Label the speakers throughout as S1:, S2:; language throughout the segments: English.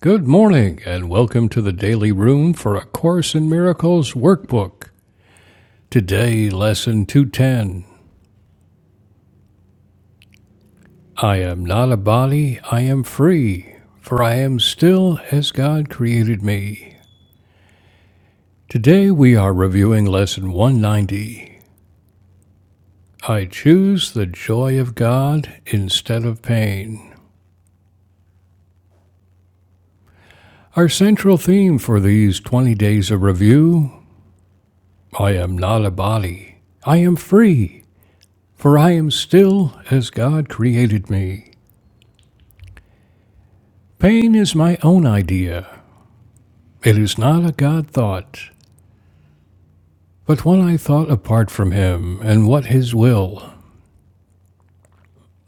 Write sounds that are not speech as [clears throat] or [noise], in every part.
S1: Good morning, and welcome to the Daily Room for A Course in Miracles Workbook. Today, Lesson 210 I am not a body, I am free, for I am still as God created me. Today, we are reviewing Lesson 190 I choose the joy of God instead of pain. Our central theme for these 20 days of review I am not a body, I am free For I am still as God created me. Pain is my own idea. It is not a God thought, but one I thought apart from Him and what His will.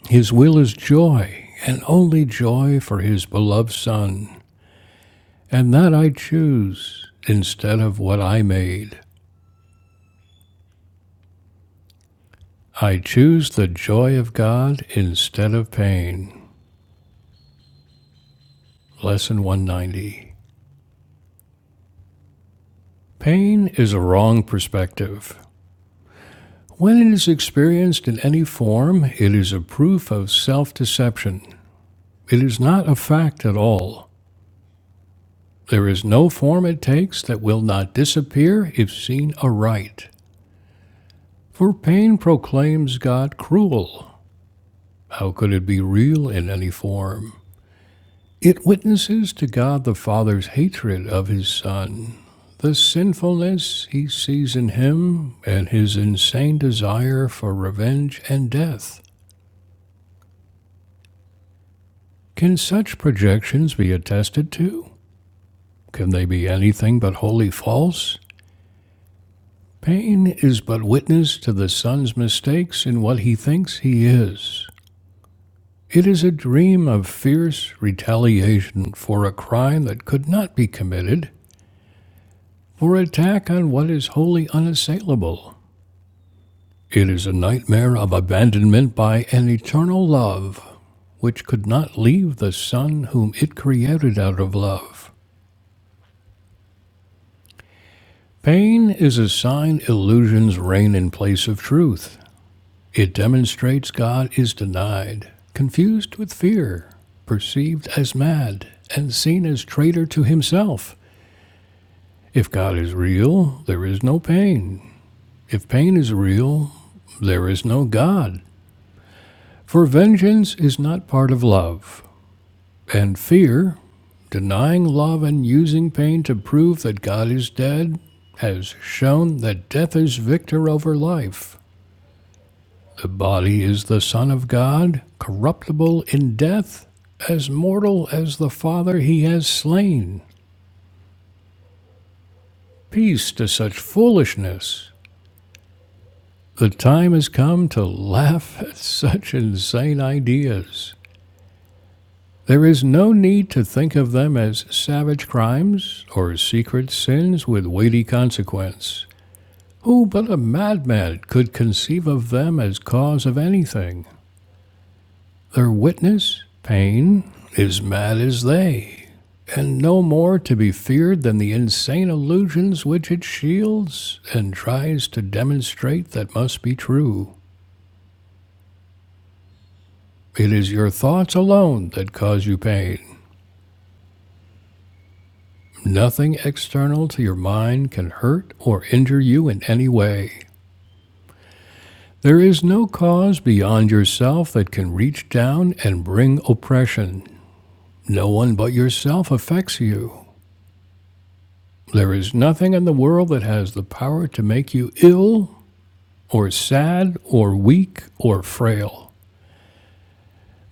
S1: His will is joy, and only joy for His beloved Son. And that I choose instead of what I made. I choose the joy of God instead of pain. Lesson 190. Pain is a wrong perspective. When it is experienced in any form, it is a proof of self deception. It is not a fact at all. There is no form it takes that will not disappear if seen aright. For pain proclaims God cruel. How could it be real in any form? It witnesses to God the Father's hatred of his Son, the sinfulness he sees in him, and his insane desire for revenge and death. Can such projections be attested to? Can they be anything but wholly false? Paine is but witness to the son's mistakes in what he thinks he is. It is a dream of fierce retaliation for a crime that could not be committed, for attack on what is wholly unassailable. It is a nightmare of abandonment by an eternal love, which could not leave the son whom it created out of love. Pain is a sign illusions reign in place of truth. It demonstrates God is denied, confused with fear, perceived as mad, and seen as traitor to himself. If God is real, there is no pain. If pain is real, there is no God. For vengeance is not part of love, and fear, denying love and using pain to prove that God is dead, has shown that death is victor over life. The body is the Son of God, corruptible in death, as mortal as the Father he has slain. Peace to such foolishness. The time has come to laugh [laughs] at such insane ideas. There is no need to think of them as savage crimes or secret sins with weighty consequence. Who but a madman could conceive of them as cause of anything? Their witness, pain, is mad as they, and no more to be feared than the insane illusions which it shields and tries to demonstrate that must be true. It is your thoughts alone that cause you pain. Nothing external to your mind can hurt or injure you in any way. There is no cause beyond yourself that can reach down and bring oppression. No one but yourself affects you. There is nothing in the world that has the power to make you ill or sad or weak or frail.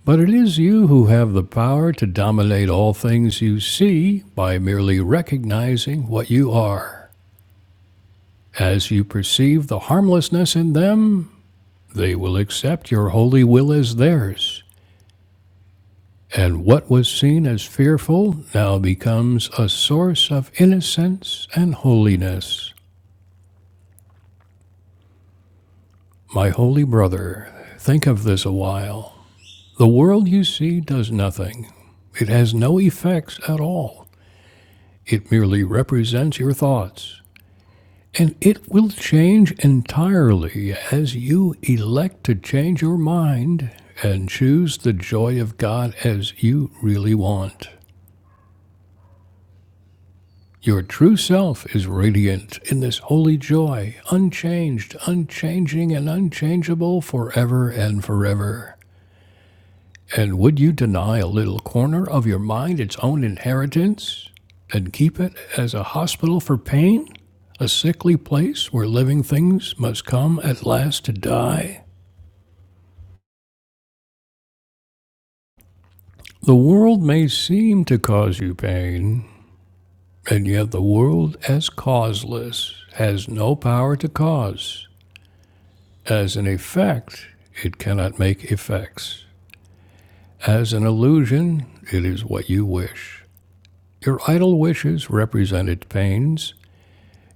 S1: But it is you who have the power to dominate all things you see by merely recognizing what you are. As you perceive the harmlessness in them, they will accept your holy will as theirs. And what was seen as fearful now becomes a source of innocence and holiness. My holy brother, think of this a while. The world you see does nothing. It has no effects at all. It merely represents your thoughts. And it will change entirely as you elect to change your mind and choose the joy of God as you really want. Your true self is radiant in this holy joy, unchanged, unchanging, and unchangeable forever and forever. And would you deny a little corner of your mind its own inheritance and keep it as a hospital for pain? A sickly place where living things must come at last to die? The world may seem to cause you pain, and yet the world as causeless has no power to cause. As an effect, it cannot make effects. As an illusion, it is what you wish. Your idle wishes represented pains,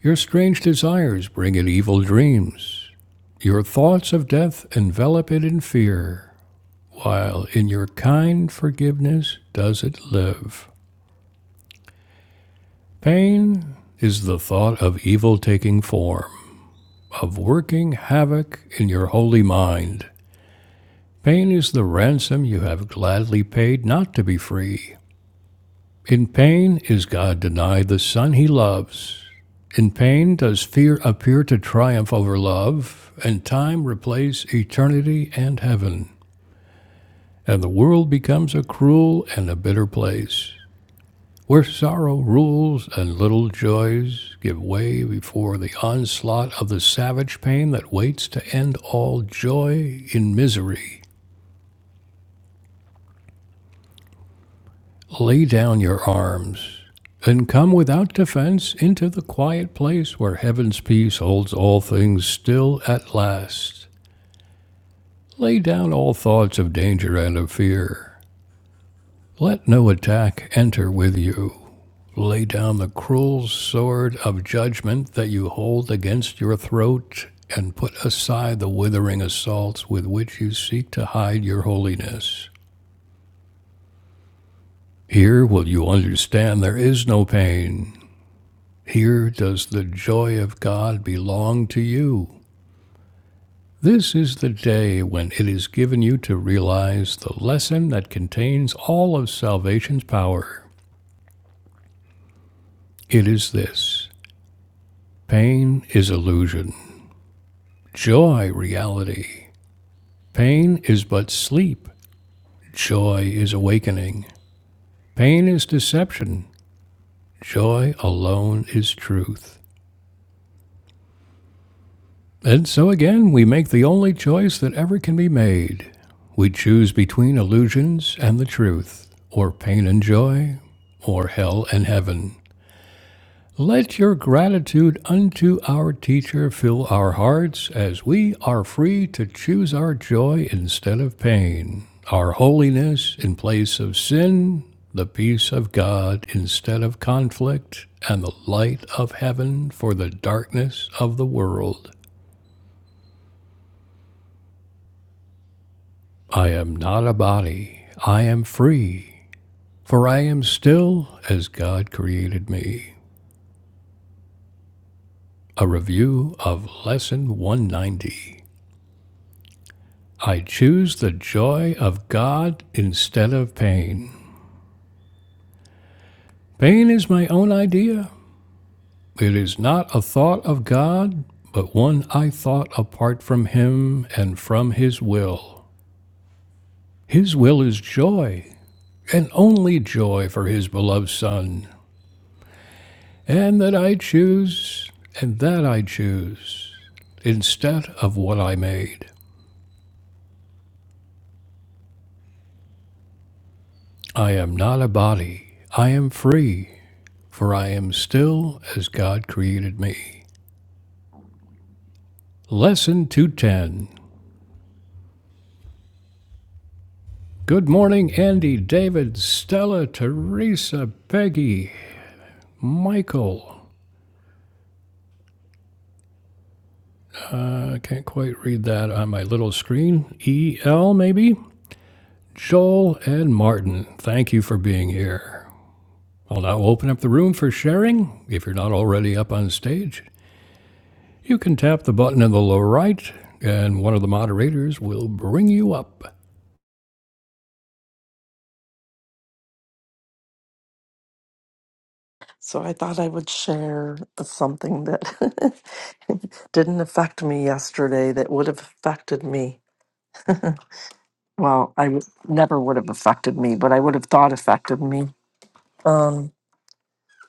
S1: Your strange desires bring it evil dreams. Your thoughts of death envelop it in fear, while in your kind forgiveness does it live. Pain is the thought of evil taking form, of working havoc in your holy mind. Pain is the ransom you have gladly paid not to be free, In pain, is God denied the Son he loves? In pain, does fear appear to triumph over love, and time replace eternity and heaven, and the world becomes a cruel and a bitter place, where sorrow rules and little joys give way before the onslaught of the savage pain that waits to end all joy in misery, Lay down your arms and come without defense into the quiet place where heaven's peace holds all things still at last. Lay down all thoughts of danger and of fear. Let no attack enter with you. Lay down the cruel sword of judgment that you hold against your throat and put aside the withering assaults with which you seek to hide your holiness. Here will you understand there is no pain Here does the joy of God belong to you. This is the day when it is given you to realize the lesson that contains all of salvation's power. It is this pain is illusion, joy, reality. Pain is but sleep, joy is awakening. Pain is deception, joy alone is truth. And so again, we make the only choice that ever can be made. We choose between illusions and the truth, or pain and joy, or hell and heaven. Let your gratitude unto our teacher fill our hearts as we are free to choose our joy instead of pain, our holiness in place of sin, the peace of God instead of conflict, and the light of heaven for the darkness of the world. I am not a body, I am free, for I am still as God created me. A review of Lesson 190. I choose the joy of God instead of pain. Pain is my own idea. It is not a thought of God, but one I thought apart from Him and from His will. His will is joy, and only joy for His beloved Son. and that I choose, and that I choose, instead of what I made. I am not a body, I am free, for I am still as God created me. Lesson 210. Good morning, Andy, David, Stella, Teresa, Peggy, Michael. I can't quite read that on my little screen. EL, maybe? Joel and Martin, thank you for being here. I'll now open up the room for sharing. If you're not already up on stage, you can tap the button in the lower right, and one of the moderators will bring you up.
S2: So I thought I would share something that [laughs] didn't affect me yesterday that would have affected me. [laughs] well, I w- never would have affected me, but I would have thought affected me. Um,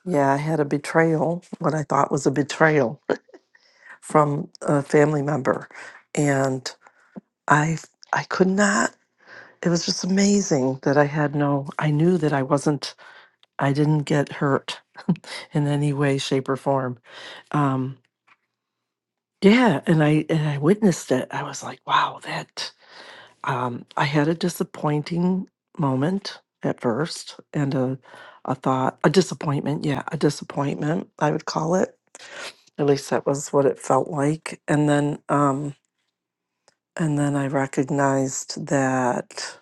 S2: yeah, I had a betrayal, what I thought was a betrayal [laughs] from a family member, and I I could not. It was just amazing that I had no. I knew that I wasn't. I didn't get hurt in any way, shape, or form. Um, Yeah, and I and I witnessed it. I was like, wow, that um I had a disappointing moment at first and a a thought, a disappointment, yeah, a disappointment, I would call it. At least that was what it felt like. And then um and then I recognized that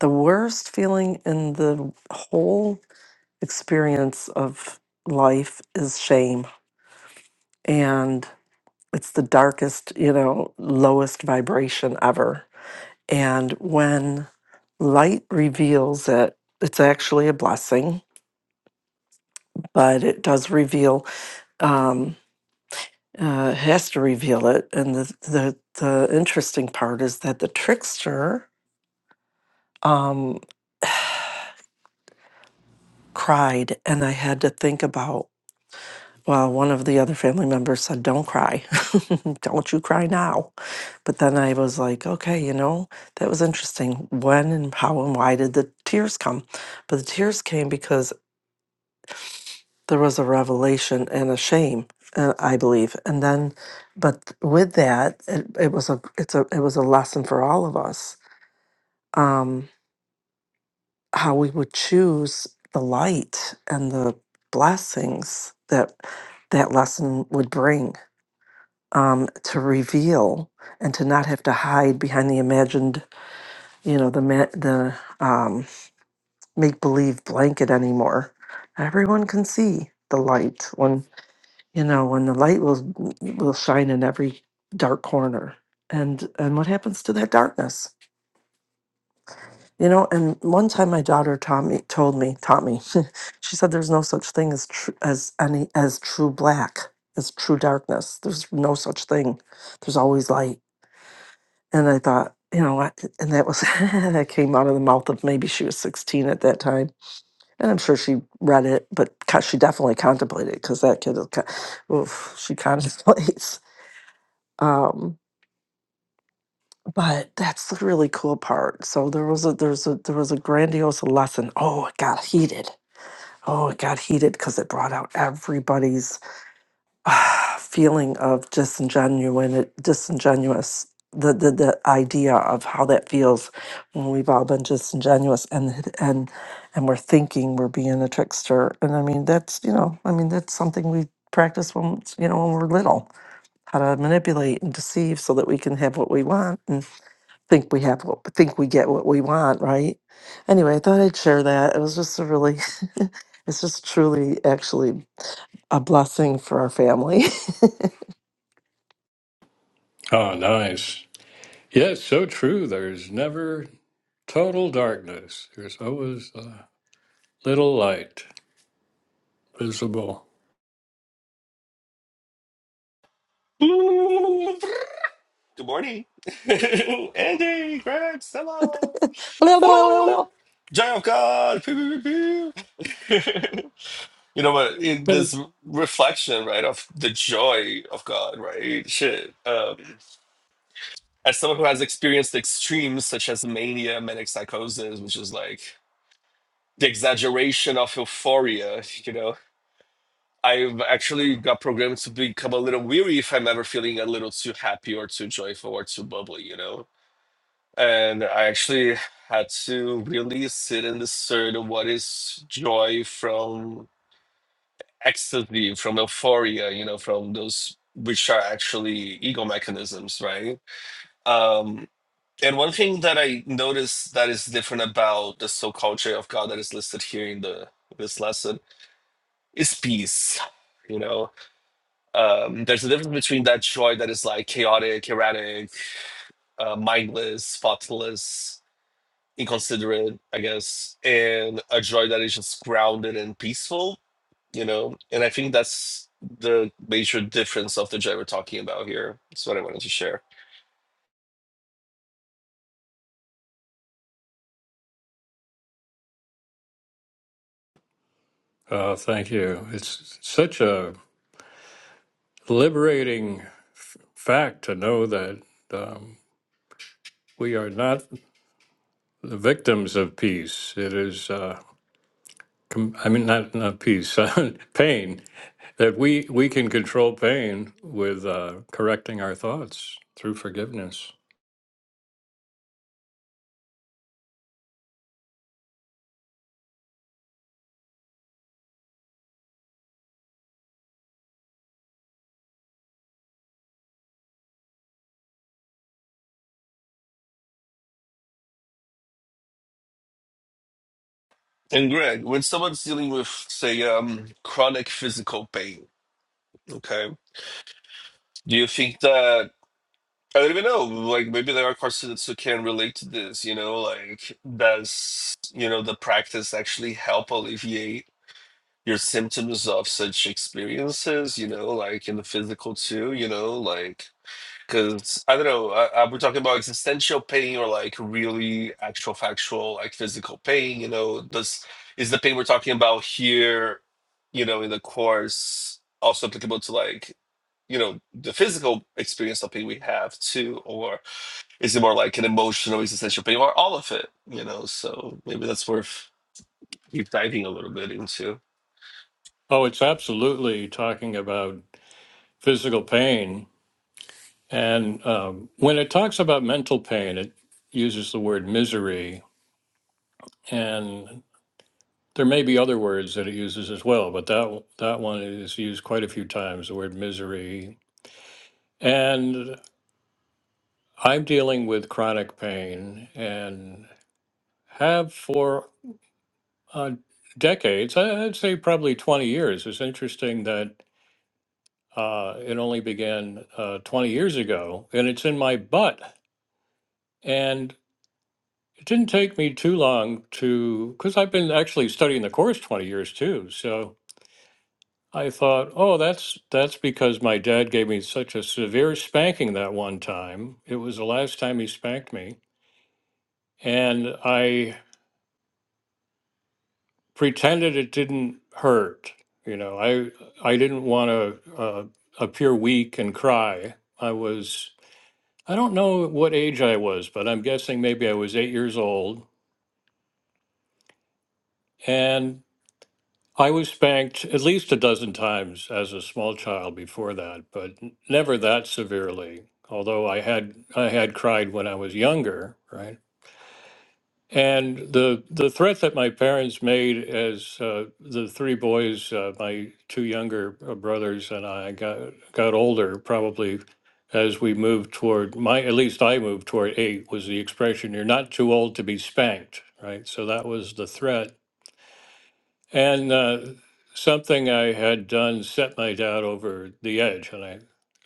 S2: the worst feeling in the whole experience of life is shame. and. it's the darkest, you know, lowest vibration ever. And when light reveals it, it's actually a blessing, but it does reveal, um, uh, has to reveal it. And the, the, the interesting part is that the trickster um, cried, and I had to think about Well, one of the other family members said, Don't cry. [laughs] Don't you cry now. But then I was like, Okay, you know, that was interesting. When and how and why did the tears come? But the tears came because there was a revelation and a shame. Uh, I believe, and then, but with that, it, it was a it's a it was a lesson for all of us um, how we would choose the light and the blessings that that lesson would bring um, to reveal and to not have to hide behind the imagined, you know, the ma- the um, make believe blanket anymore. Everyone can see the light when you know when the light will will shine in every dark corner. And and what happens to that darkness? You know, and one time my daughter taught me told me taught me. [laughs] she said, "There's no such thing as tr- as any as true black." as true darkness. There's no such thing. There's always light And I thought, you know what? And that was, [laughs] that came out of the mouth of maybe she was 16 at that time. And I'm sure she read it, but co- she definitely contemplated because that kid, is, co- oof, she [laughs] contemplates. Um, but that's the really cool part. So there was a, there's a, there was a grandiose lesson. Oh, it got heated. Oh, it got heated because it brought out everybody's [sighs] ah, feeling of disingenuine, disingenuous, the, the the idea of how that feels when we've all been disingenuous and and and we're thinking we're being a trickster. And I mean that's you know I mean that's something we practice when you know when we're little how to manipulate and deceive so that we can have what we want and think we have what think we get what we want right anyway i thought i'd share that it was just a really [laughs] it's just truly actually a blessing for our family [laughs]
S1: Ah, nice. Yes, so true. There's never total darkness, there's always a little light visible.
S3: Good morning. [laughs] Andy, Greg, Stella. La, la, la, la.
S2: So
S3: Giant of God. Pew, pew, pew, pew. [laughs] you know, but it,
S1: Thank-
S3: this reflection, right, of the joy of God, right? Shit. Um, as someone who has experienced extremes such as mania, manic psychosis, which is like the exaggeration of euphoria, you know, I've actually got programmed to become a little weary if I'm ever feeling a little too happy or too joyful or too bubbly, you know? And I actually had to really sit and discern what is joy from ecstasy, from euphoria, you know, from those which are actually ego mechanisms, right? Um, and one thing that I noticed that is different about the so called joy of God that is listed here in the this lesson is peace. You know, um, there's a difference between that joy that is like chaotic, erratic, uh, mindless, thoughtless, inconsiderate, I guess, and a joy that is just grounded and peaceful, you know? And I think that's the major difference of the joy we're talking about here. That's what I wanted to share.
S1: Oh, thank you. It's such a liberating f- fact to know that um, we are not the victims of peace. It is. Uh, com- I mean, not not peace, [laughs] pain. That we we can control pain with uh, correcting our thoughts through forgiveness.
S3: And Greg, when someone's dealing with, say, um, chronic physical pain, okay, do you think that I don't even know, like maybe there are car students who can relate to this, you know, like does you know the practice actually help alleviate your symptoms of such experiences, you know, like in the physical too, you know, like because I don't know, I, I, we're talking about existential pain or like really actual factual like physical pain, you know, does is the pain we're talking about here, you know, in the course also applicable to like you know the physical experience of pain we have too or is it more like an emotional existential pain or all of it you know so maybe that's worth deep diving a little bit into
S1: Oh, it's absolutely talking about physical pain, and um, when it talks about mental pain, it uses the word misery, and there may be other words that it uses as well, but that that one is used quite a few times. The word misery, and I'm dealing with chronic pain, and have for Uh, decades, I- I'd say probably 20 years. It's interesting that uh, it only began uh, 20 years ago, and it's in my butt. And it didn't take me too long to, because I've been actually studying the course 20 years too. So I thought, oh, that's that's because my dad gave me such a severe spanking that one time. It was the last time he spanked me, and I pretended it didn't hurt. You know, I I didn't want to uh, appear weak and cry. I was I don't know what age I was, but I'm guessing maybe I was eight years old, and I was spanked at least a dozen times as a small child before that, but never that severely. Although I had I had cried when I was younger, right? And the the threat that my parents made as uh, the three boys, uh, my two younger uh, brothers and I got got older, probably as we moved toward my at least I moved toward eight was the expression "you're not too old to be spanked," right? So that was the threat, and uh, something I had done set my dad over the edge, and I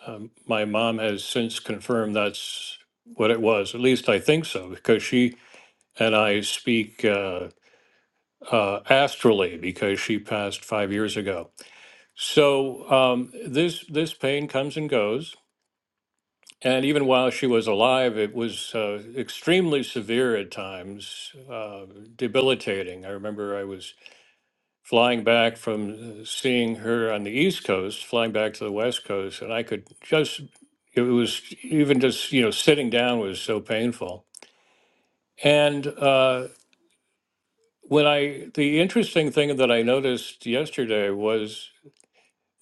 S1: um, my mom has since confirmed that's what it was. At least I think so because she and I speak. Uh, uh, astrally because she passed five years ago. So um, this this pain comes and goes, and even while she was alive, it was uh, extremely severe at times, uh, debilitating. I remember I was flying back from uh, seeing her on the East Coast, flying back to the West Coast, and I could just it was even just you know sitting down was so painful. And uh, when I the interesting thing that I noticed yesterday was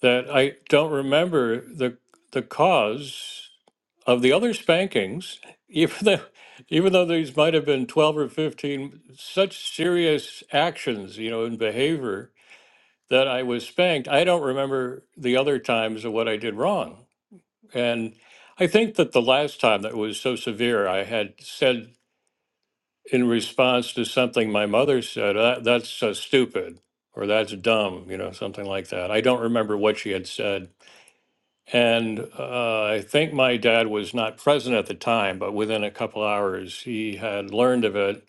S1: that I don't remember the the cause of the other spankings, [laughs] even though even though these might have been twelve or fifteen such serious actions, you know, in behavior that I was spanked. I don't remember the other times of what I did wrong, and I think that the last time that was so severe, I had said in response to something my mother said, "That- "That's uh, stupid." Or that's dumb, you know, something like that. I don't remember what she had said And uh, I think my dad was not present at the time, but within a couple hours, he had learned of it.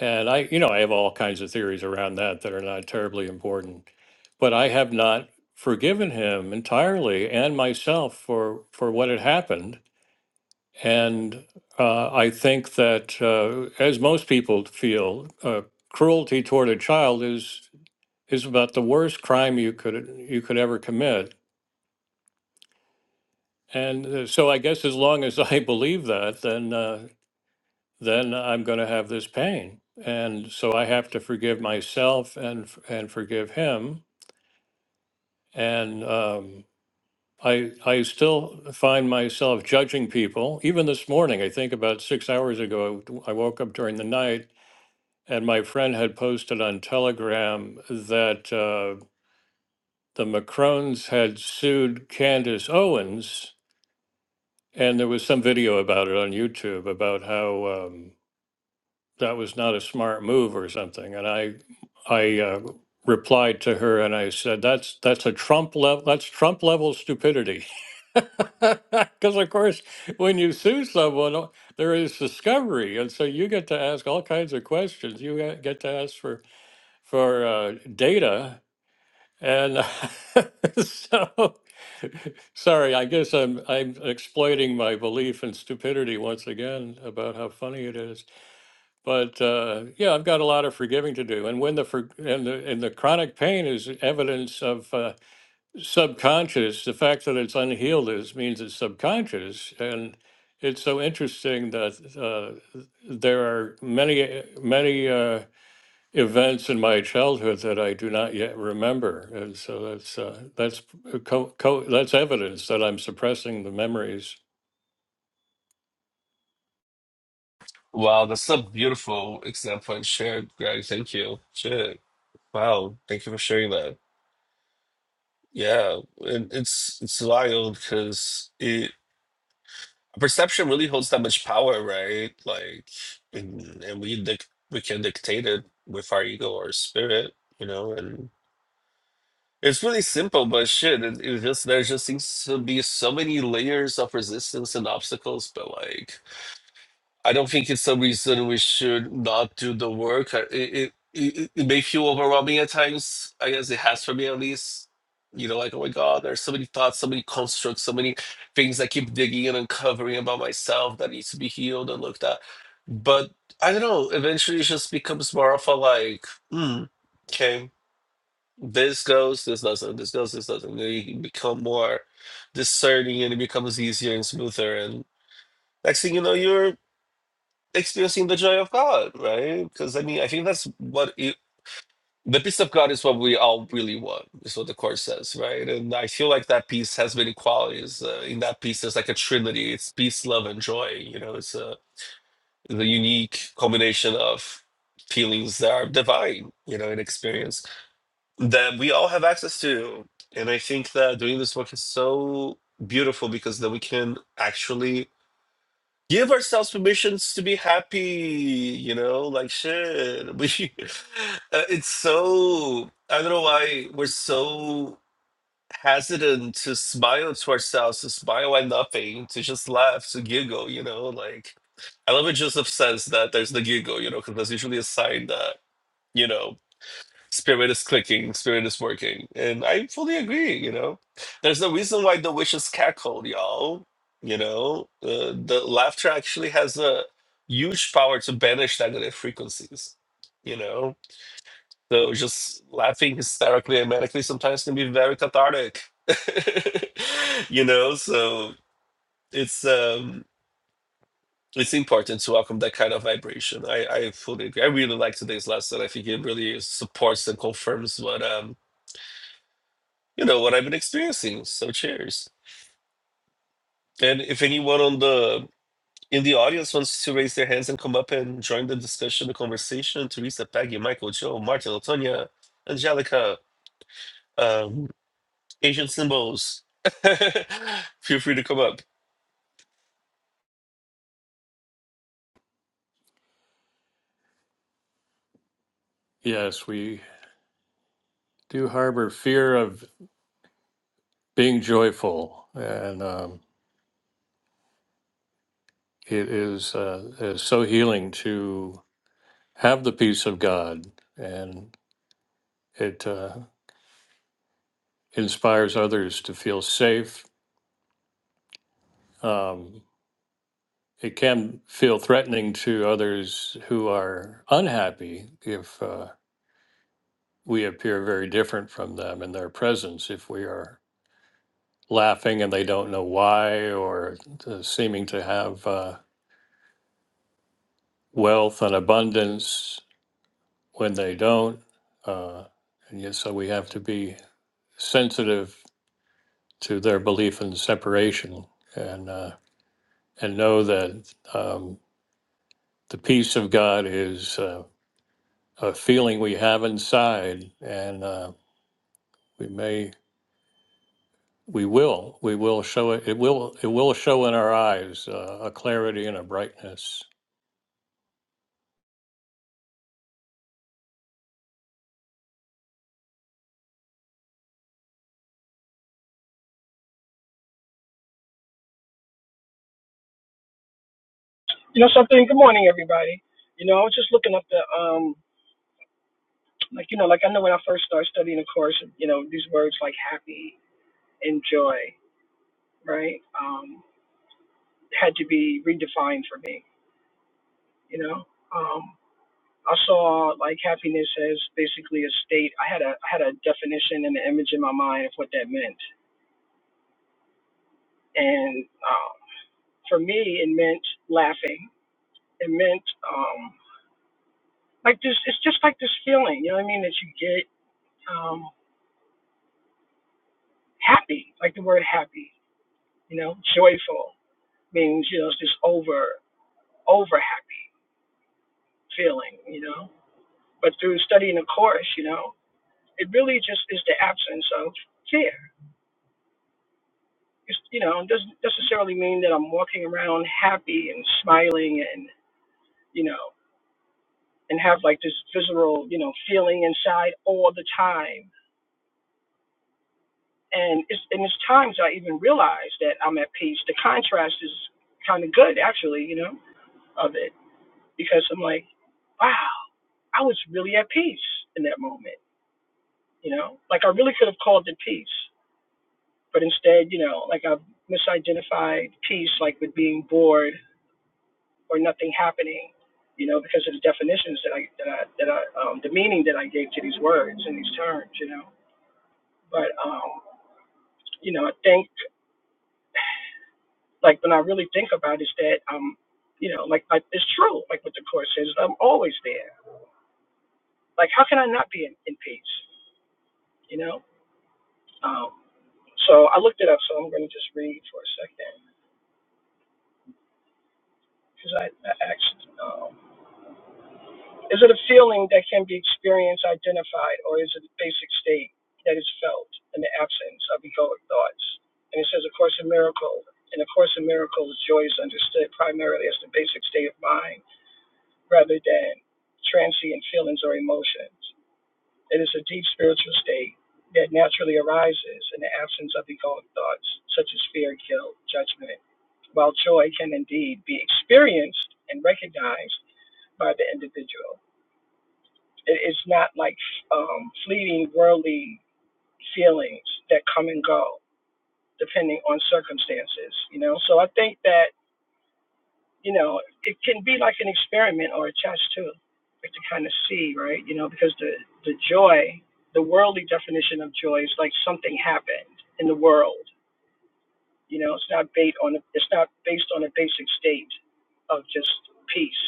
S1: And I, you know, I have all kinds of theories around that that are not terribly important, but I have not forgiven him entirely and myself for for what had happened. And uh, I think that, uh, as most people feel, uh, cruelty toward a child is is about the worst crime you could you could ever commit And uh, so I guess as long as I [laughs] believe that, then uh, then I'm going to have this pain, and so I have to forgive myself and f- and forgive him. And um, I I still find myself judging people. Even this morning, I think about six hours ago, I woke up during the night. And my friend had posted on Telegram that uh, the Macrones had sued Candace Owens, and there was some video about it on YouTube about how Um, that was not a smart move or something. And I, I uh, replied to her and I said, that's, that's a Trump level, that's Trump level stupidity. [laughs] Because of course, when you sue someone, uh, there is discovery. And so you get to ask all kinds of questions. You get get to ask for, for uh, data. And [laughs] so, sorry, I guess I'm, I'm exploiting my belief in stupidity once again about how funny it is. But uh, yeah, I've got a lot of forgiving to do, and when the for, and the and the chronic pain is evidence of uh, subconscious. The fact that it's unhealed is means it's subconscious, and it's so interesting that uh, there are many many uh, events in my childhood that I do not yet remember, and so that's uh, that's co- co- that's evidence that I'm suppressing the memories.
S3: Wow, that's a beautiful example and shared, Greg. Thank you. Shit. Wow. Thank you for sharing that. Yeah. And it's it's wild because it perception really holds that much power, right? Like and, and we dic- we can dictate it with our ego or spirit, you know, and it's really simple, but shit, it, it just there just seems to be so many layers of resistance and obstacles, but like I don't think it's a reason we should not do the work. I- It it it, it may feel overwhelming at times. I guess it has for me at least. You know, like oh my god, there's so many thoughts, so many constructs, so many things I keep digging and uncovering about myself that needs to be healed and looked at. But I don't know. Eventually, it just becomes more of a like, mm, okay, this goes, this doesn't, this goes, this doesn't. Then you become more discerning, and it becomes easier and smoother. And next thing you know, you're experiencing the joy of God, right? Because I mean, I think that's what it, the peace of God is what we all really want, is what the Course says, right? And I feel like that peace has many qualities. Uh, in that peace, there's like a trinity it's peace, love, and joy. You know, it's a, the unique combination of feelings that are divine, you know, and experience that we all have access to. And I think that doing this work is so beautiful because then we can actually give ourselves permissions to be happy you know like shit [laughs] we uh, it's so i don't know why we're so hesitant to smile to ourselves to smile at nothing to just laugh to giggle you know like i love it just of that there's the giggle you know because that's usually a sign that you know Spirit is clicking, spirit is working. And I fully agree, you know. There's a reason why the witches cackled, y'all. You know, uh, the laughter actually has a huge power to banish negative frequencies, you know. So just laughing hysterically and manically sometimes can be very cathartic. [laughs] you know, so it's um it's important to welcome that kind of vibration. I, I fully agree. I really like today's lesson. I think it really supports and confirms what um you know what I've been experiencing. So cheers. And if anyone on the in the audience wants to raise their hands and come up and join the discussion, the conversation, Teresa, Peggy, Michael, Joe, Martin, Latonia, Angelica, um, Asian symbols, [laughs] feel free to come up.
S1: Yes, we do harbor fear of being joyful, and. Um, it is uh, is so healing to have God, and it uh, inspires others to feel safe. Um, it can feel threatening to others who are unhappy if uh, we appear very different from them in their presence. If we are laughing and they don't know why, or uh, seeming to have uh, wealth and abundance when they don't. Uh, and yet, so we have to be sensitive to their belief in separation and uh, and know that um, the peace of God is uh, a feeling we have inside, and uh, we may we will we will show it it will it will show in our eyes uh, a clarity and a brightness.
S4: You know something? Good morning, everybody. You know, I was just looking up the um, like you know, like I know when I first started studying the course, you know, these words like happy and joy, right, um, had to be redefined for me. You know, um, I saw like happiness as basically a state. I had a I had a definition and an image in my mind of what that meant, and um, for me, it meant laughing. It meant um, like this. It's just like this feeling, you know what I mean, that you get. um, happy, like the word happy, you know, joyful means, you know, it's just over, over happy feeling, you know. But through studying the course, you know, it really just is the absence of fear. It's, you know, it doesn't necessarily mean that I'm walking around happy and smiling and, you know, and have like this visceral, you know, feeling inside all the time. And it's, and it's times I even realize that I'm at peace. The contrast is kind of good, actually, you know, of it because I'm like, wow, I was really at peace in that moment. You know, like I really could have called it peace, but instead, you know, like I've misidentified peace like with being bored or nothing happening. You know, because of the definitions that I that I that I um, the meaning that I gave to these words and these terms. You know, but um, you know, I think like when I really think about it, is that um, you know, like I, it's true, like what the course says, I'm always there. Like how can I not be in, in peace? You know? Um, So I looked it up, so I'm going to just read for a second because I, I asked, um, is it a feeling that can be experienced, identified, or is it a basic state that is felt in the absence of egoic thoughts? And it says, A Course in Miracle. In A Course in Miracles, joy is understood primarily as the basic state of mind rather than transient feelings or emotions. It is a deep spiritual state that naturally arises in the absence of egoic thoughts such as fear, guilt, judgment, while joy can indeed be experienced and recognized by the individual. It is not like um, fleeting worldly feelings that come and go depending on circumstances, you know? So I think that, you know, it can be like an experiment or a test too, like to kind of see, right? You know, because the, the joy, the worldly definition of joy is like something happened in the world You know, it's not based on it's not based on a basic state of just peace.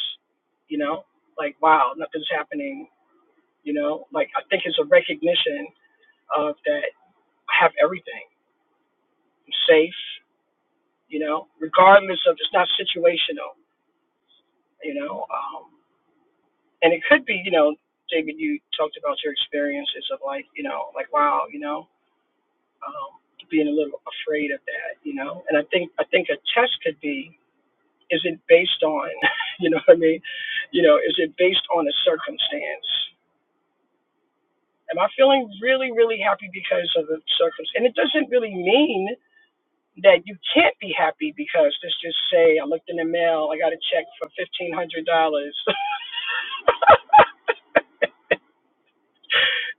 S4: You know, like wow, nothing's happening. You know, like I think it's a recognition of that I have everything. I'm safe. You know, regardless of it's not situational. You know, um, and it could be. You know, David, you talked about your experiences of like you know, like wow, you know, um, being a little afraid of that. You know, and I think I think a test could be Is it based on, [laughs] you know what I mean? You know, is it based on a circumstance? Am I feeling really, really happy because of a circumstance? And it doesn't really mean that you can't be happy because let's just say I looked in the mail, I got a check for fifteen hundred dollars. [laughs]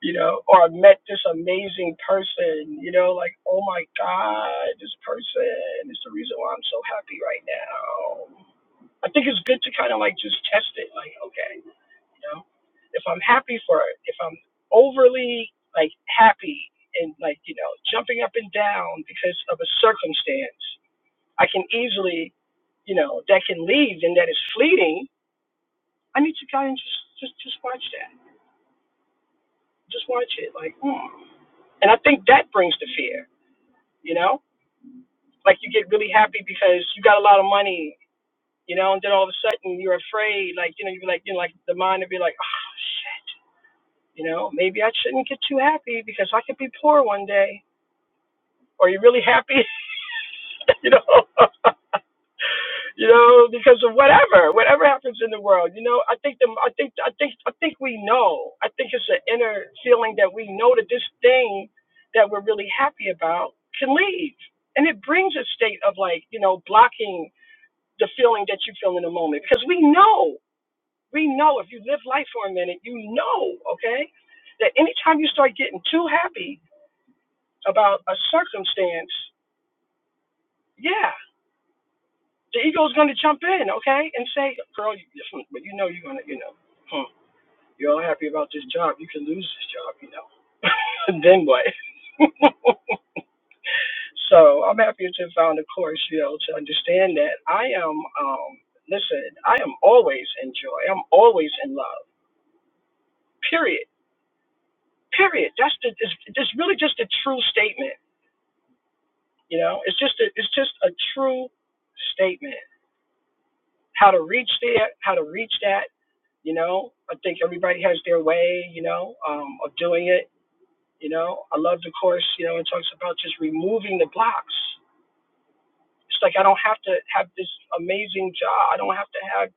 S4: you know, or I met this amazing person, you know, like, oh my God, this person is the reason why I'm so happy right now. I think it's good to kind of like just test it, like, okay. You know, if I'm happy for it, if I'm overly like happy and like you know jumping up and down because of a circumstance, I can easily you know that can leave and that is fleeting. I need to kind of just just just watch that, just watch it like, hmm. and I think that brings the fear. You know, like you get really happy because you got a lot of money. You know, and then all of a sudden you're afraid, like you know, you be like, you know, like the mind would be like, oh shit You know, maybe I shouldn't get too happy because I could be poor one day. Are you really happy? [laughs] you know, [laughs] you know, because of whatever, whatever happens in the world. You know, I think the, I think, I think, I think we know. I think it's an inner feeling that we know that this thing that we're really happy about can leave, and it brings a state of like, you know, blocking the feeling that you feel in the moment because we know. We know if you live life for a minute, you know, okay, that anytime you start getting too happy about a circumstance, yeah, the ego's going to jump in, okay, and say, girl, you, but you know you're going to, you know, huh, you're all happy about this job. You can lose this job, you know. [laughs] and then what? [laughs] so I'm happy to have found a course, you know, to understand that I am, um, listen, I am always in joy. I'm always in love, period Period. That's the. It's, it's really just a true statement. You know, it's just a. It's just a true statement. How to reach there? How to reach that? You know, I think everybody has their way. You know, um, of doing it. You know, I love the course. You know, it talks about just removing the blocks. It's like I don't have to have this amazing job. I don't have to have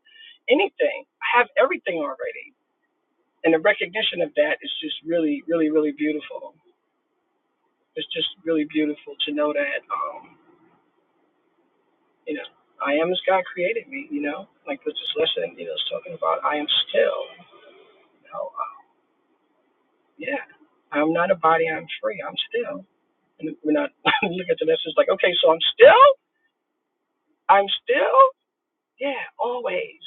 S4: anything. I have everything already. And the recognition of that is just really, really, really beautiful. It's just really beautiful to know that. Um, you know, I am as God created me, you know, like was just listening, you know, was talking about I am still, you know, uh, yeah, I'm not a body, I'm free, I'm still. And we're not [laughs] looking at the message like, okay, so I'm still, I'm still, yeah, always,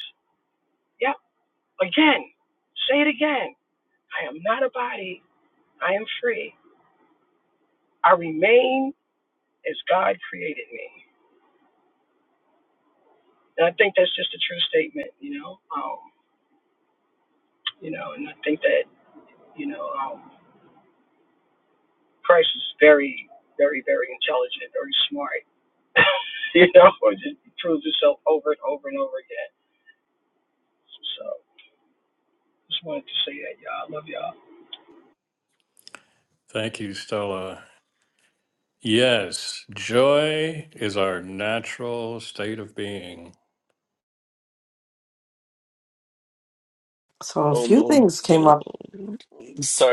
S4: yep, again, say it again. I am not a body, I am free, I remain as God created me. And I think that's just a true statement, you know, um, you know, and I think that, you know, um, Christ is very, very, very intelligent, very smart. [laughs] you know, or just proves himself over and over and over again. So just wanted to say that, y'all. I love y'all.
S1: Thank you, Stella. Yes, joy is our natural state of being.
S2: a
S3: Oh
S2: few
S3: my
S2: things came up.
S3: god.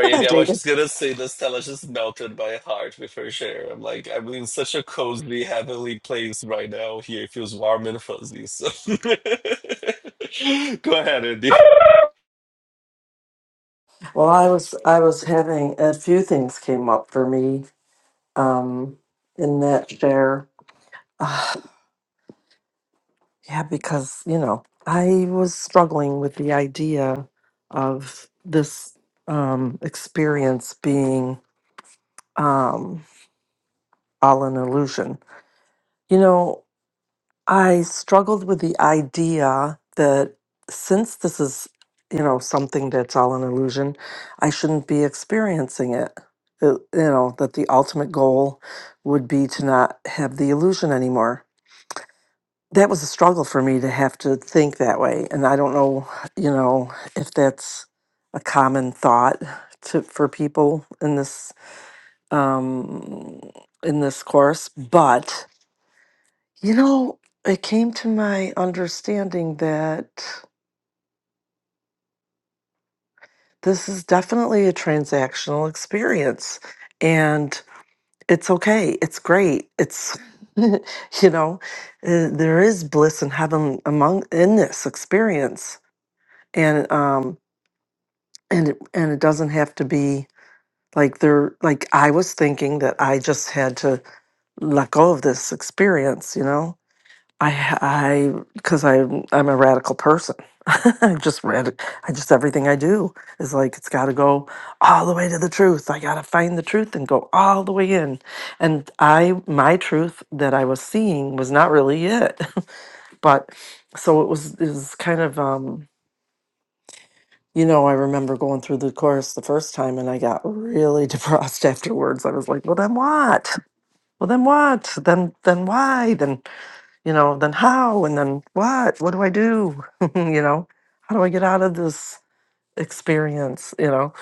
S2: Go ahead,
S3: Eddie, I was
S2: David.
S3: just gonna say this Stella just melted my heart with her share. I'm like, I'm in such a cozy, heavenly place right now. Here it feels warm and fuzzy. So [laughs] go ahead, Andy.
S2: Well, I was I was having a few things came up for me um, in that share. Uh, [sighs] yeah, because you know I was struggling with the idea of this um, experience being um, all an illusion. You know, I struggled with the idea that since this is, you know, something that's all an illusion, I shouldn't be experiencing it. Uh, You know, that the ultimate goal would be to not have the illusion anymore. That was a struggle for me to have to think that way. And I don't know, you know, if that's a common thought to, for people in this um in this course, but you know, it came to my understanding that this is definitely a transactional experience and it's okay. It's great. It's [laughs] you know, uh, there is bliss and heaven among in this experience. And um and it, and it doesn't have to be like there like I was thinking that I just had to let go of this experience, you know? I I because I I'm I'm a radical person. [laughs] I just rad I just everything I do is like it's got to go all the way to the truth. I got to find the truth and go all the way in. And I my truth that I was seeing was not really it. [laughs] but so it was it was kind of um you know I remember going through the course the first time and I got really [laughs] depressed afterwards. I was like, "Well, then what? Well, then what? Then then why? Then you know, then how and then what? What do I do? [laughs] you know, how do I get out of this experience, you know?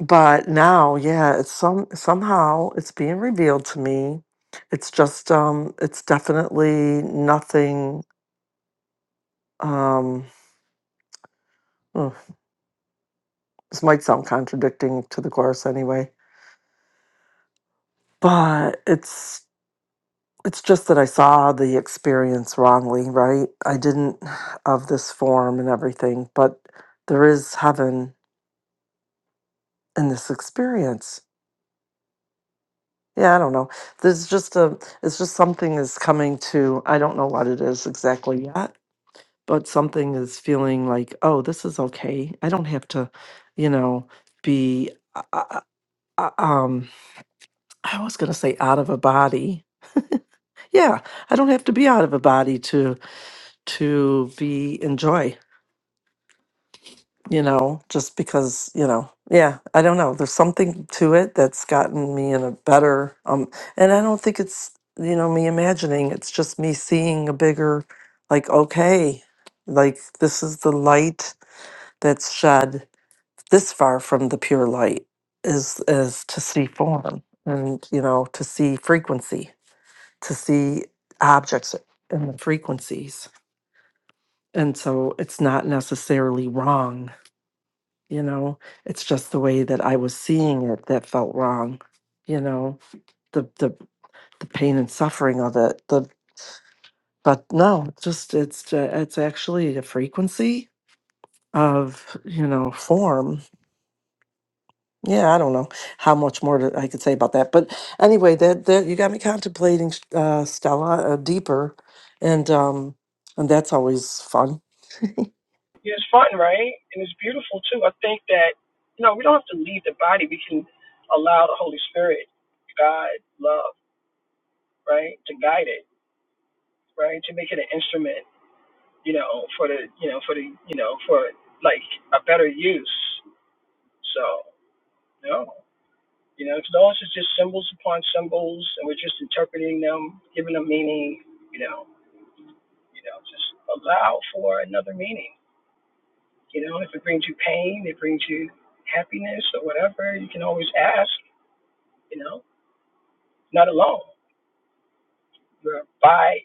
S2: But now, yeah, it's some somehow it's being revealed to me. It's just um it's definitely nothing um mm, this might sound contradicting to the course anyway, but it's it's just that I saw the experience wrongly, right? I didn't [sighs] of this form and everything, but there is heaven in this experience. Yeah, I don't know. There's just a it's just something is coming to I don't know what it is exactly yet, but something is feeling like, "Oh, this is okay. I don't have to, you know, be uh, uh, uh, uh, um I was going to say out of a body. Yeah, I don't have to be out of a body to to be enjoy. you know, just because, you know, yeah, I don't know. There's something to it that's gotten me in a better um and I don't think it's, you know, me imagining. It's just me seeing a bigger like okay, like this is the light that's shed this far from the pure light is is to see form and, you know, to see frequency, to see objects and the frequencies. And so it's not necessarily wrong you know it's just the way that i was seeing it that felt wrong you know the the, the pain and suffering of it the but no it's just it's ju- it's actually a frequency of you know form yeah i don't know how much more to, i could say about that but anyway that that you got me contemplating uh stella uh, deeper and um and that's always fun
S4: Yeah, it's fun, right? And it's beautiful too. I think that
S2: [laughs]
S4: you know we don't have to leave the body. We can allow the Holy Spirit, God, love, right, to guide it, right, to make it an instrument, you know, for the, you know, for the, you know, for like a better use. So, no. You know, so those are just symbols upon symbols, and we're just interpreting them, giving them meaning. You know, you know, just allow for another meaning. You know, if it brings you pain, it brings you happiness or whatever. You can always ask. You know, not alone. You're by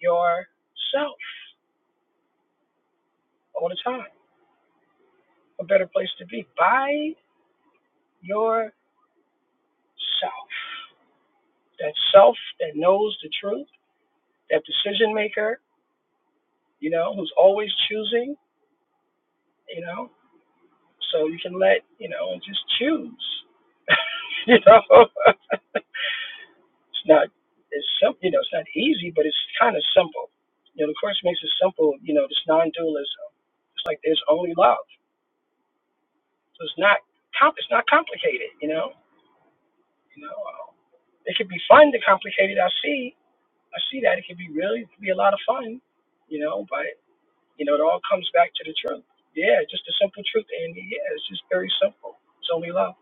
S4: yourself all the time. A better place to be by yourself. That self that knows the truth. That decision maker. You know, who's always choosing. You know So you can let, you know, and just choose. [laughs] you know, [laughs] it's not, it's simple, you know, it's not easy, but it's kind of simple. You know, the course makes it simple, you know, this non dualism. It's like there's only love. So it's not, com- it's not complicated, you know, you know, um, it can be fun to complicate it. I see, I see that it can be really, it can be a lot of fun, you know, but, you know, it all comes back to the truth. Yeah, just the simple truth, Andy. Yeah, it's just very simple. It's only love.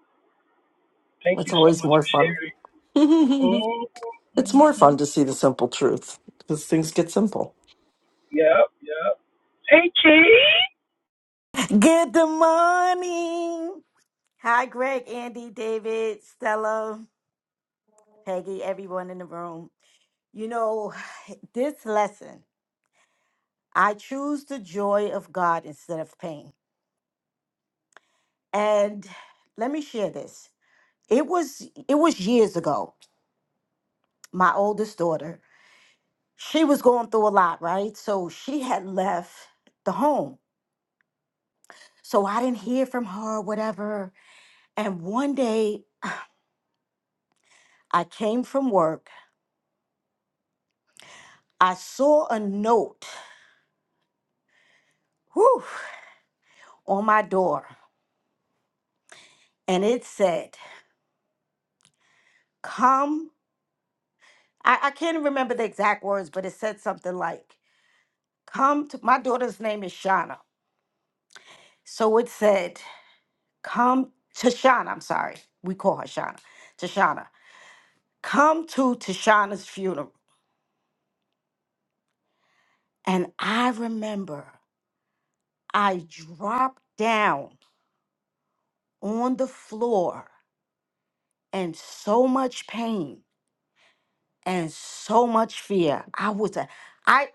S4: Thank
S2: it's
S4: you so
S2: always
S4: much
S2: more
S4: for
S2: fun
S4: sharing.
S2: [laughs] It's more
S4: Mm-hmm.
S2: fun to see the simple truth because things get simple.
S4: Yep, yep. Hey, Chi.
S5: Good morning. Hi, Greg, Andy, David, Stella, Peggy, everyone in the room. You know, this lesson, I choose the joy of God instead of pain. And let me share this. It was it was years ago. My oldest daughter, she was going through a lot, right? So she had left the home. So I didn't hear from her, whatever. And one day I came from work. I saw a note whew, on my door and it said, Come. I, I can't remember the exact words, but it said something like, Come to my daughter's name is Shauna. So it said, Come to Shauna. I'm sorry. We call her Shauna. To Shauna, Come to Tashana's funeral. And I remember I dropped down on the floor and so much pain and so much fear. I was a I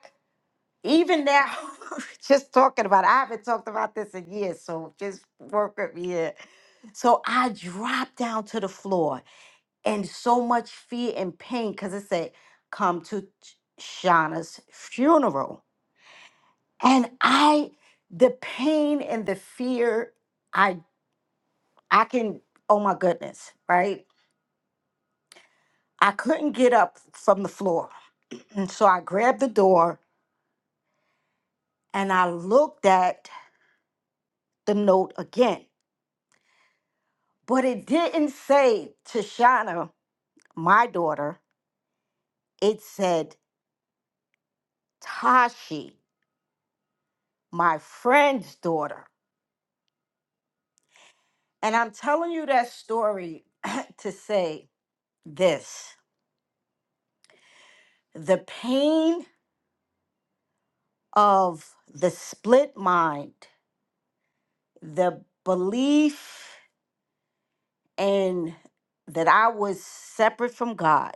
S5: even now, [laughs] just talking about, it, I haven't talked about this in years, so just work with me here. So I dropped down to the floor and so much fear and pain because it said, come to Shauna's funeral. And I, the pain and the fear, I, I can, oh my goodness, right? I couldn't get up from the floor. And so I grabbed the door and I looked at the note again. But it didn't say Tashana, my daughter. It said Tashi, my friend's daughter. And I'm telling you that story [clears throat] to say this the pain of the split mind, the belief in that I was separate from God,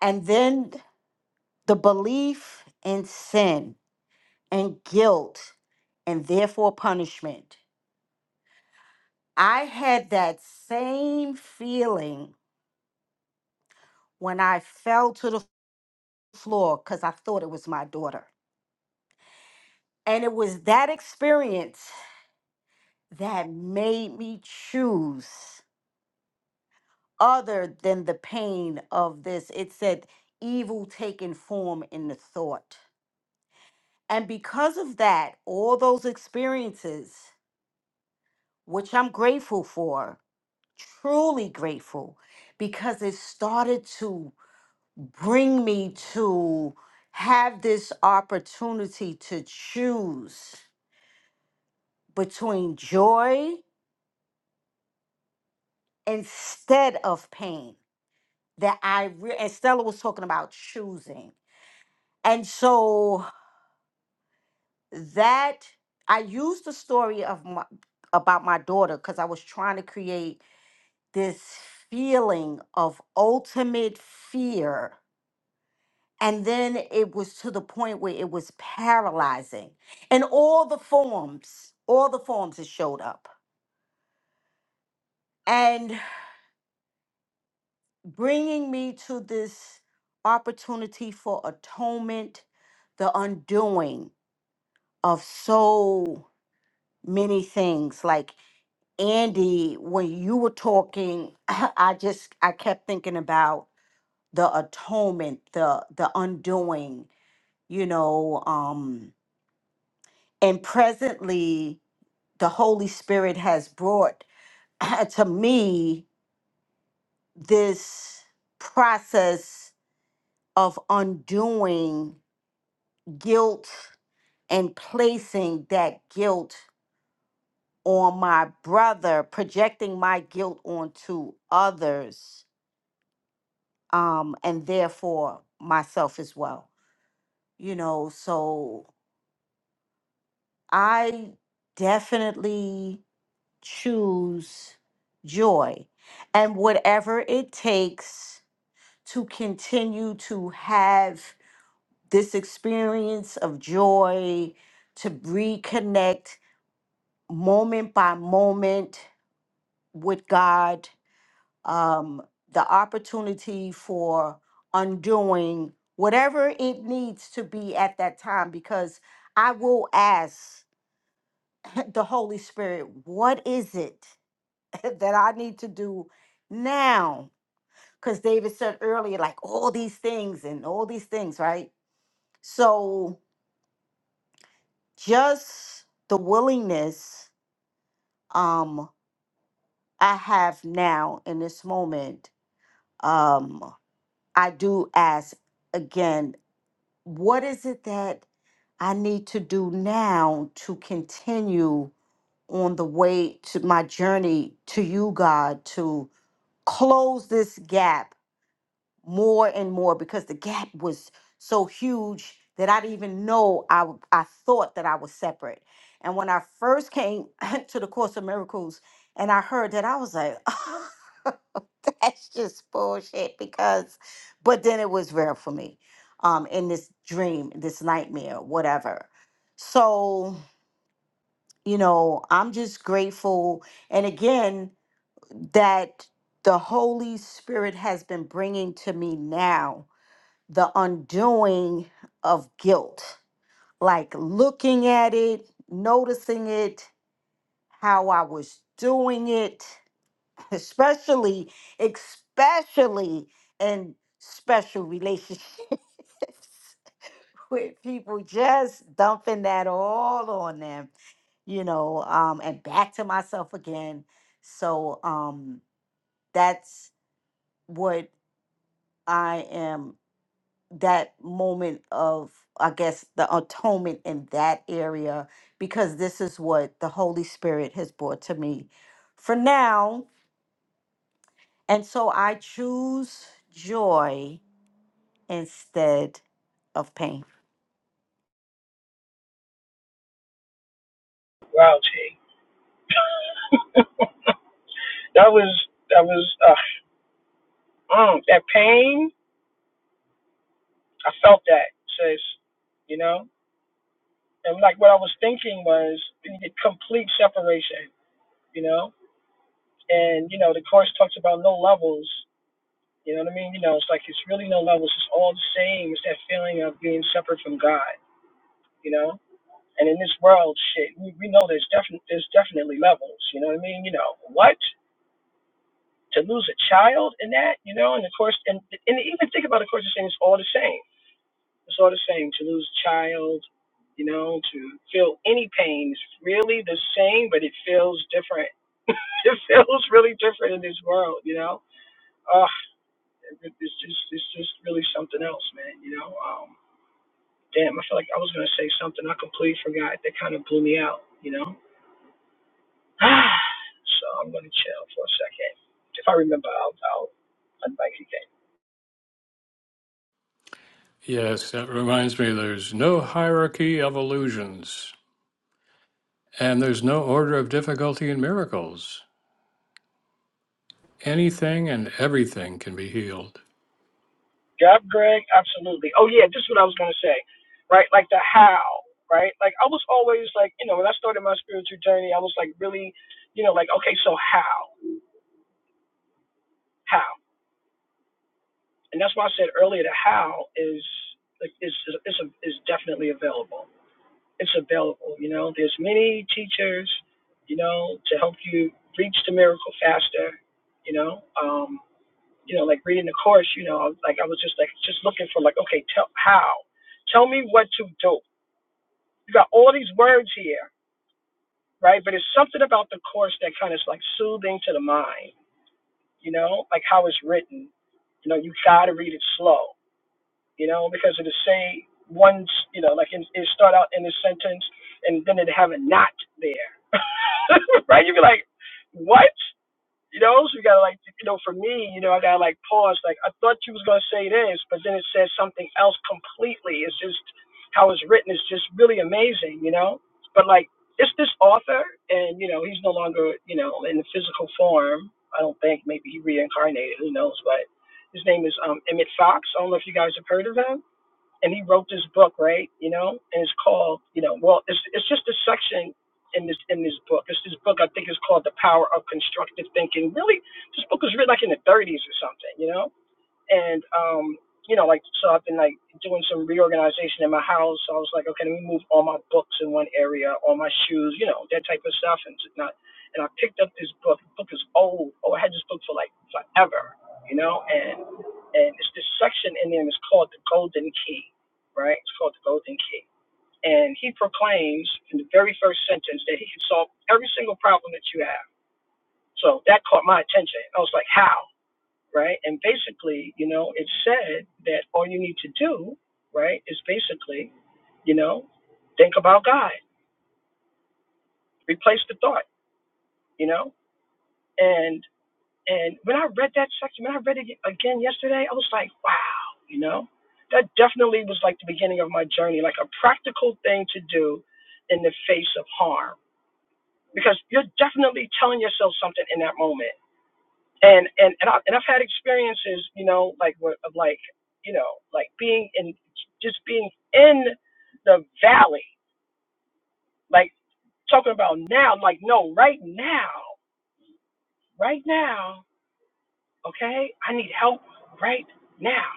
S5: and then the belief in sin and guilt and therefore punishment I had that same feeling when I fell to the floor because I thought it was my daughter. And it was that experience that made me choose other than the pain of this. It said evil taking form in the thought. And because of that, all those experiences, which I'm grateful for, truly grateful, because it started to bring me to have this opportunity to choose between joy instead of pain that I re- and Stella was talking about choosing. And so that I used the story of my about my daughter cuz I was trying to create this feeling of ultimate fear And then it was to the point where it was paralyzing. And all the forms, all the forms that showed up. And bringing me to this opportunity for atonement, the undoing of so many things. Like Andy, when you were talking, [laughs] [clears throat] I just, I kept thinking about the atonement, the, the undoing, you know, um, and presently the Holy Spirit has brought [laughs] [clears throat] to me this process of undoing guilt and placing that guilt on my brother, projecting my guilt onto others, um, and therefore myself as well. You know, so I definitely choose joy and whatever it takes to continue to have this experience of joy, to reconnect moment by moment with God, um, the opportunity for undoing whatever it needs to be at that time, because I will ask [laughs] the Holy Spirit, what is it [laughs] that I need to do now? Because David said earlier, like all these things and all these things, right? So just the willingness um I have now in this moment, um, I do ask again, what is it that I need to do now to continue on the way to my journey to you, God, to close this gap more and more because the gap was so huge that I didn't even know I, w- I thought that I was separate. And when I first came [laughs] [clears throat] to the Course of Miracles and I heard that, I was like, [laughs] that's just bullshit because, but then it was real for me um, in this dream, this nightmare, whatever. So, you know, I'm just grateful. And again, that the Holy Spirit has been bringing to me now the undoing of guilt, like looking at it, noticing it, how I was doing it, [laughs] especially, especially in special relationships [laughs] with people just dumping that all on them, you know, um, and back to myself again. So um that's what I am that moment of i guess the atonement in that area because this is what the holy spirit has brought to me for now and so i choose joy instead of pain
S4: Wow, Chi. [laughs] that was that was uh, mm, that pain. I felt that, sis. You know, and like what I was thinking was we need complete separation. You know, and you know the course talks about no levels. You know what I mean? You know, it's like it's really no levels. It's all the same. It's that feeling of being separate from God. You know, And in this world, shit, we, we know there's definitely there's definitely levels. You know what I mean? You know what to lose a child in that? You know, and of course, and and even think about, of course, this thing is all the same. It's all the same to lose a child. You know, to feel any pain is really the same, but it feels different. [laughs] It feels really different in this world. You know, uh, it's just it's just really something else, man. You know, um, damn, I feel like I was gonna say something I completely forgot that kind of blew me out. You know. [sighs] so I'm going to chill for a second. If I remember, I'll, I'll unbike you again.
S1: Yes, that reminds me there's no hierarchy of illusions, and there's no order of difficulty in miracles. Anything and everything can be healed.
S4: Yep, Greg, absolutely. Oh, yeah, this is what I was going to say, right? Like the how, right? Like I was always like, you know, when I started my spiritual journey, I was like really, you know, like, okay, so how? How? And that's why I said earlier the how is like is is is, a, is definitely available. It's available, you know. There's many teachers, you know, to help you reach the miracle faster, you know. Um, you know, like reading the course, you know, I was like I was just like just looking for like, okay, tell how, tell me what to do. You got all these words here, right? But it's something about the course that kind of is like soothing to the mind, you know, like how it's written. You know, you gotta read it slow, you know, because it'll say one, you know, like it, it start out in a sentence and then it have a not there, [laughs] right? You'd be like, what? You know, so you gotta like, you know, for me, you know, I gotta like pause. Like, I thought you was gonna say this, but then it says something else completely. It's just how it's written is just really amazing, you know. But like, it's this author, and you know, he's no longer, you know, in the physical form. I don't think. Maybe he reincarnated. Who knows? But his name is um, Emmett Fox. I don't know if you guys have heard of him and he wrote this book, right? You know, and it's called, you know, well, it's it's just a section in this in this book. It's this book I think is called The Power of Constructive Thinking. Really, this book was written like in the 30s or something, you know and um, you know, like so I've been like doing some reorganization in my house. So I was like, okay, let me move all my books in one area, all my shoes, you know, that type of stuff, and it's not. And I picked up this book. The book is old. Oh, I had this book for like forever, you know, and and it's this section in there, and it's called the Golden Key, right? It's called the Golden Key. And he proclaims in the very first sentence that he can solve every single problem that you have. So that caught my attention. I was like, how? right? And basically, you know, it said that all you need to do, right, is basically, you know, think about God, replace the thought, you know, and and when I read that section, when I read it again yesterday, I was like, wow, you know, that definitely was like the beginning of my journey, like a practical thing to do in the face of harm, because you're definitely telling yourself something in that moment and and and, I, and I've had experiences, you know, like where- of like you know, like being in just being in the valley, like talking about now, I'm like no, right now, right now, okay, I need help right now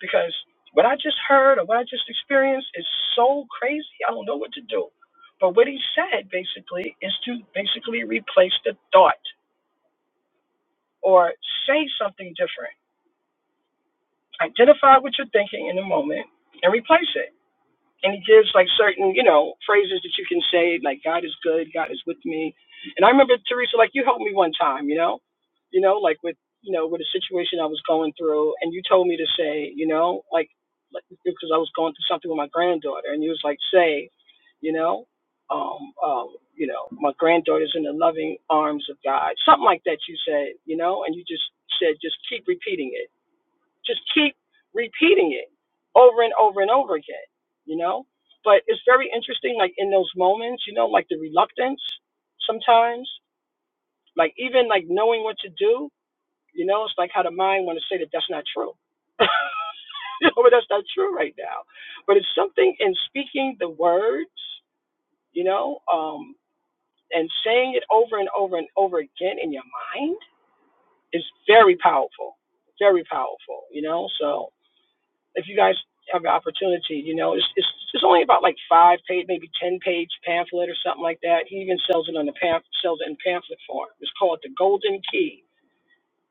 S4: because what I just heard or what I just experienced is so crazy, I don't know what to do. But what he said basically is to basically replace the thought or say something different identify what you're thinking in the moment and replace it. And he gives like certain, you know, phrases that you can say, like God is good, God is with me. And I remember Teresa, like you helped me one time, you know, you know, like with you know with a situation I was going through, and you told me to say, you know, like like- because I was going through something with my granddaughter, and you was like, say, you know, um, um, you know, my granddaughter's in the loving arms of God, something like that. You said, you know, and you just said, just keep repeating it just keep repeating it over and over and over again, you know? But it's very interesting, like in those moments, you know, like the reluctance sometimes, like even like knowing what to do, you know, it's like how the mind want to say that that's not true. [laughs] you know, but that's not true right now. But it's something in speaking the words, you know, um, and saying it over and over and over again in your mind is very powerful, very powerful, you know. So if you guys have the opportunity, you know, it's it's it's only about like five page, maybe ten page pamphlet or something like that. He even sells it on the pamphlet, sells it in pamphlet form. It's called the Golden Key.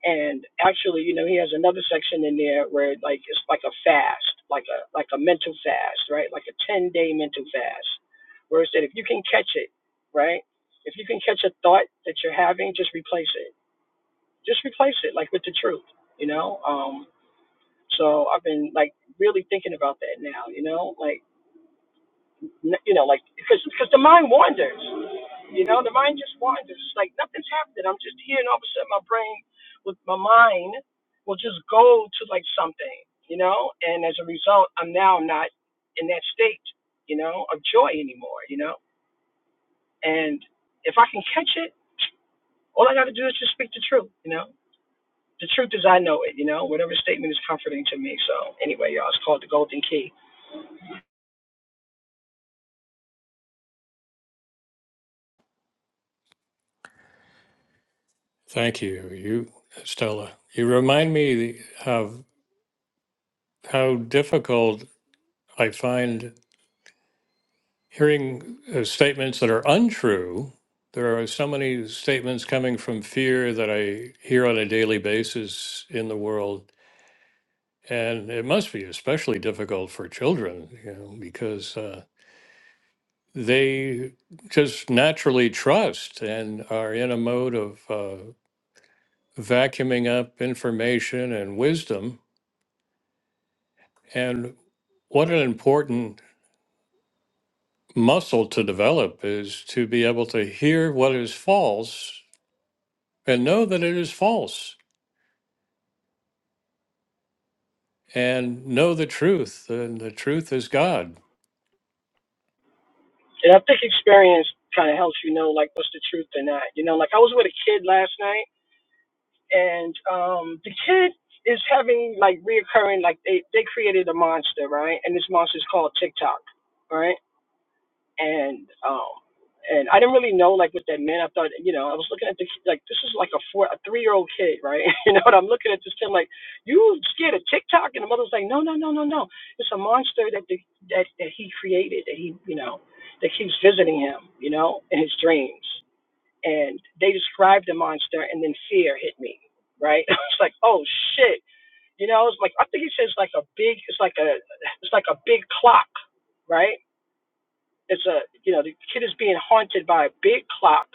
S4: And actually, you know, he has another section in there where like it's like a fast, like a like a mental fast, right? Like a ten day mental fast. Where it said if you can catch it, right? If you can catch a thought that you're having, just replace it. Just replace it, like with the truth, you know. Um, so I've been like really thinking about that now, you know, like n- you know, like because because the mind wanders, you know, the mind just wanders. It's like nothing's happening. I'm just here, and all of a sudden my brain with my mind will just go to like something, you know, and as a result, I'm now not in that state, you know, of joy anymore, you know, and if I can catch it, all I got to do is just speak the truth, you know. The truth is I know it, you know. Whatever statement is comforting to me. So anyway, y'all, it's called the Golden Key.
S1: Thank you, you Stella. You remind me of how difficult I find hearing uh, statements that are untrue. There are so many statements coming from fear that I hear on a daily basis in the world, and it must be especially difficult for children, you know, because uh, they just naturally trust and are in a mode of uh, vacuuming up information and wisdom. And what an important muscle to develop is to be able to hear what is false and know that it is false and know the truth, and the truth is God.
S4: And I think experience kind of helps you know like what's the truth or not. You know, like I was with a kid last night, and um, the kid is having like reoccurring like they they created a monster, right? And this monster is called TikTok, right? and um and I didn't really know like what that meant. I thought you know I was looking at the like this is like a four a three year old kid right [laughs] you know and I'm looking at this kid like you scared of TikTok and the mother's like no no no no no it's a monster that the that that he created that he you know that keeps visiting him you know in his dreams and they described the monster and then fear hit me right [laughs] I was like oh shit you know it's like I think he says like a big it's like a it's like a big clock right it's a you know the kid is being haunted by a big clock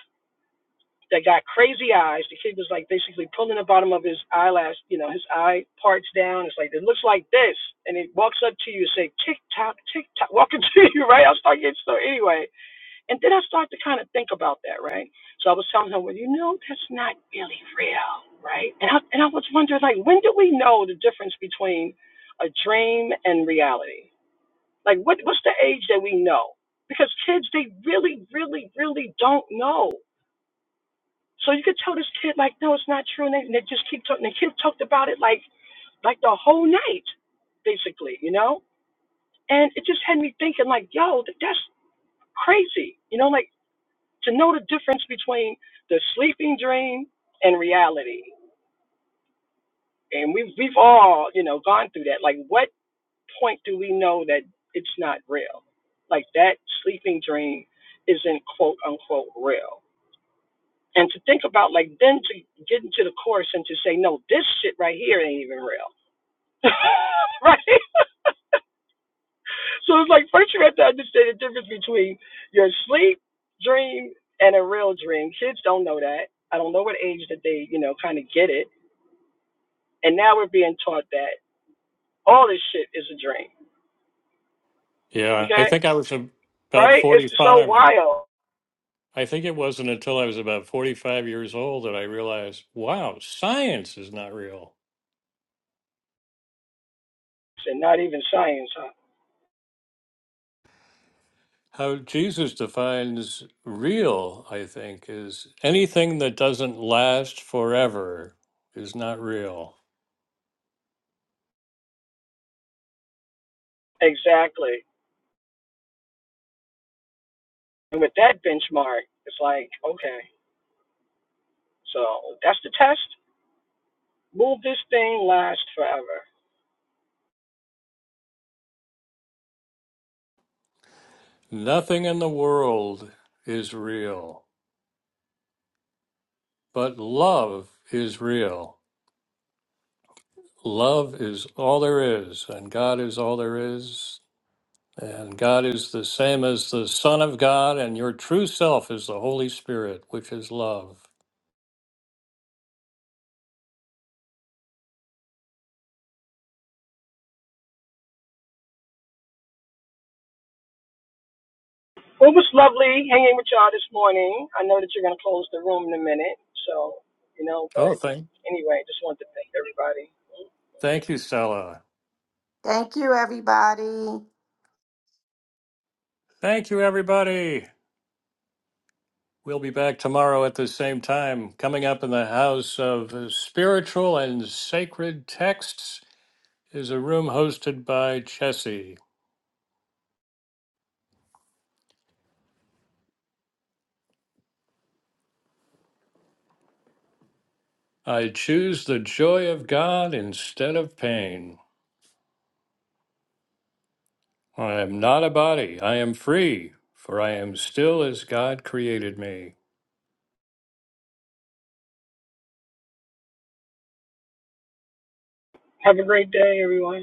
S4: that got crazy eyes. The kid was like basically pulling the bottom of his eyelash, you know, his eye parts down. It's like it looks like this, and it walks up to you and say tick tock tick tock, [laughs] walking to you, right? I start getting so anyway, and then I start to kind of think about that, right? So I was telling him, well, you know, that's not really real, right? And I and I was wondering like when do we know the difference between a dream and reality? Like, what, what's the age that we know? Because kids, they really, really, really don't know. So you could tell this kid, like, no, it's not true. And they, and they just keep talking. The kid talked about it like, like the whole night, basically, you know? And it just had me thinking, like, yo, th- that's crazy. You know, like to know the difference between the sleeping dream and reality. And we've, we've all, you know, gone through that. Like, what? point do we know that it's not real? Like that sleeping dream isn't quote unquote real. And to think about like then to get into the course and to say, no, this shit right here ain't even real. [laughs] right? So it's like first you have to understand the difference between your sleep dream and a real dream. Kids don't know that. I don't know what age that they, you know, kind of get it. And now we're being taught that all this shit is a dream.
S1: Yeah, I
S4: Okay?
S1: think I was ab- about
S4: Right? It's so
S1: 45.
S4: wild
S1: I think it wasn't until I was about 45 years old that I realized, wow, science is not real.
S4: and not even science. huh?
S1: How Jesus defines real, I think, is anything that doesn't last forever is not real.
S4: Exactly. And with that benchmark, it's like, okay, so that's the test. Will this thing last forever?
S1: Nothing in the world is real, but love is real. Love is all there is, and God is all there is, and God is the same as the Son of God, and your true self is the Holy Spirit, which is love.
S4: Well, it was lovely hanging with y'all this morning. I know that you're going to close the room in a minute. So, you know,
S1: Oh,
S4: but
S1: thank,
S4: anyway, just wanted to thank everybody.
S1: thank you, Stella.
S5: thank you everybody
S1: Thank you, everybody. We'll be back tomorrow at the same time. Coming up in the House of Spiritual and Sacred Texts is a room hosted by Jesse. I choose the joy of God instead of pain. I am not a body, I am free, for I am still as God created me.
S4: Have a great day, everyone.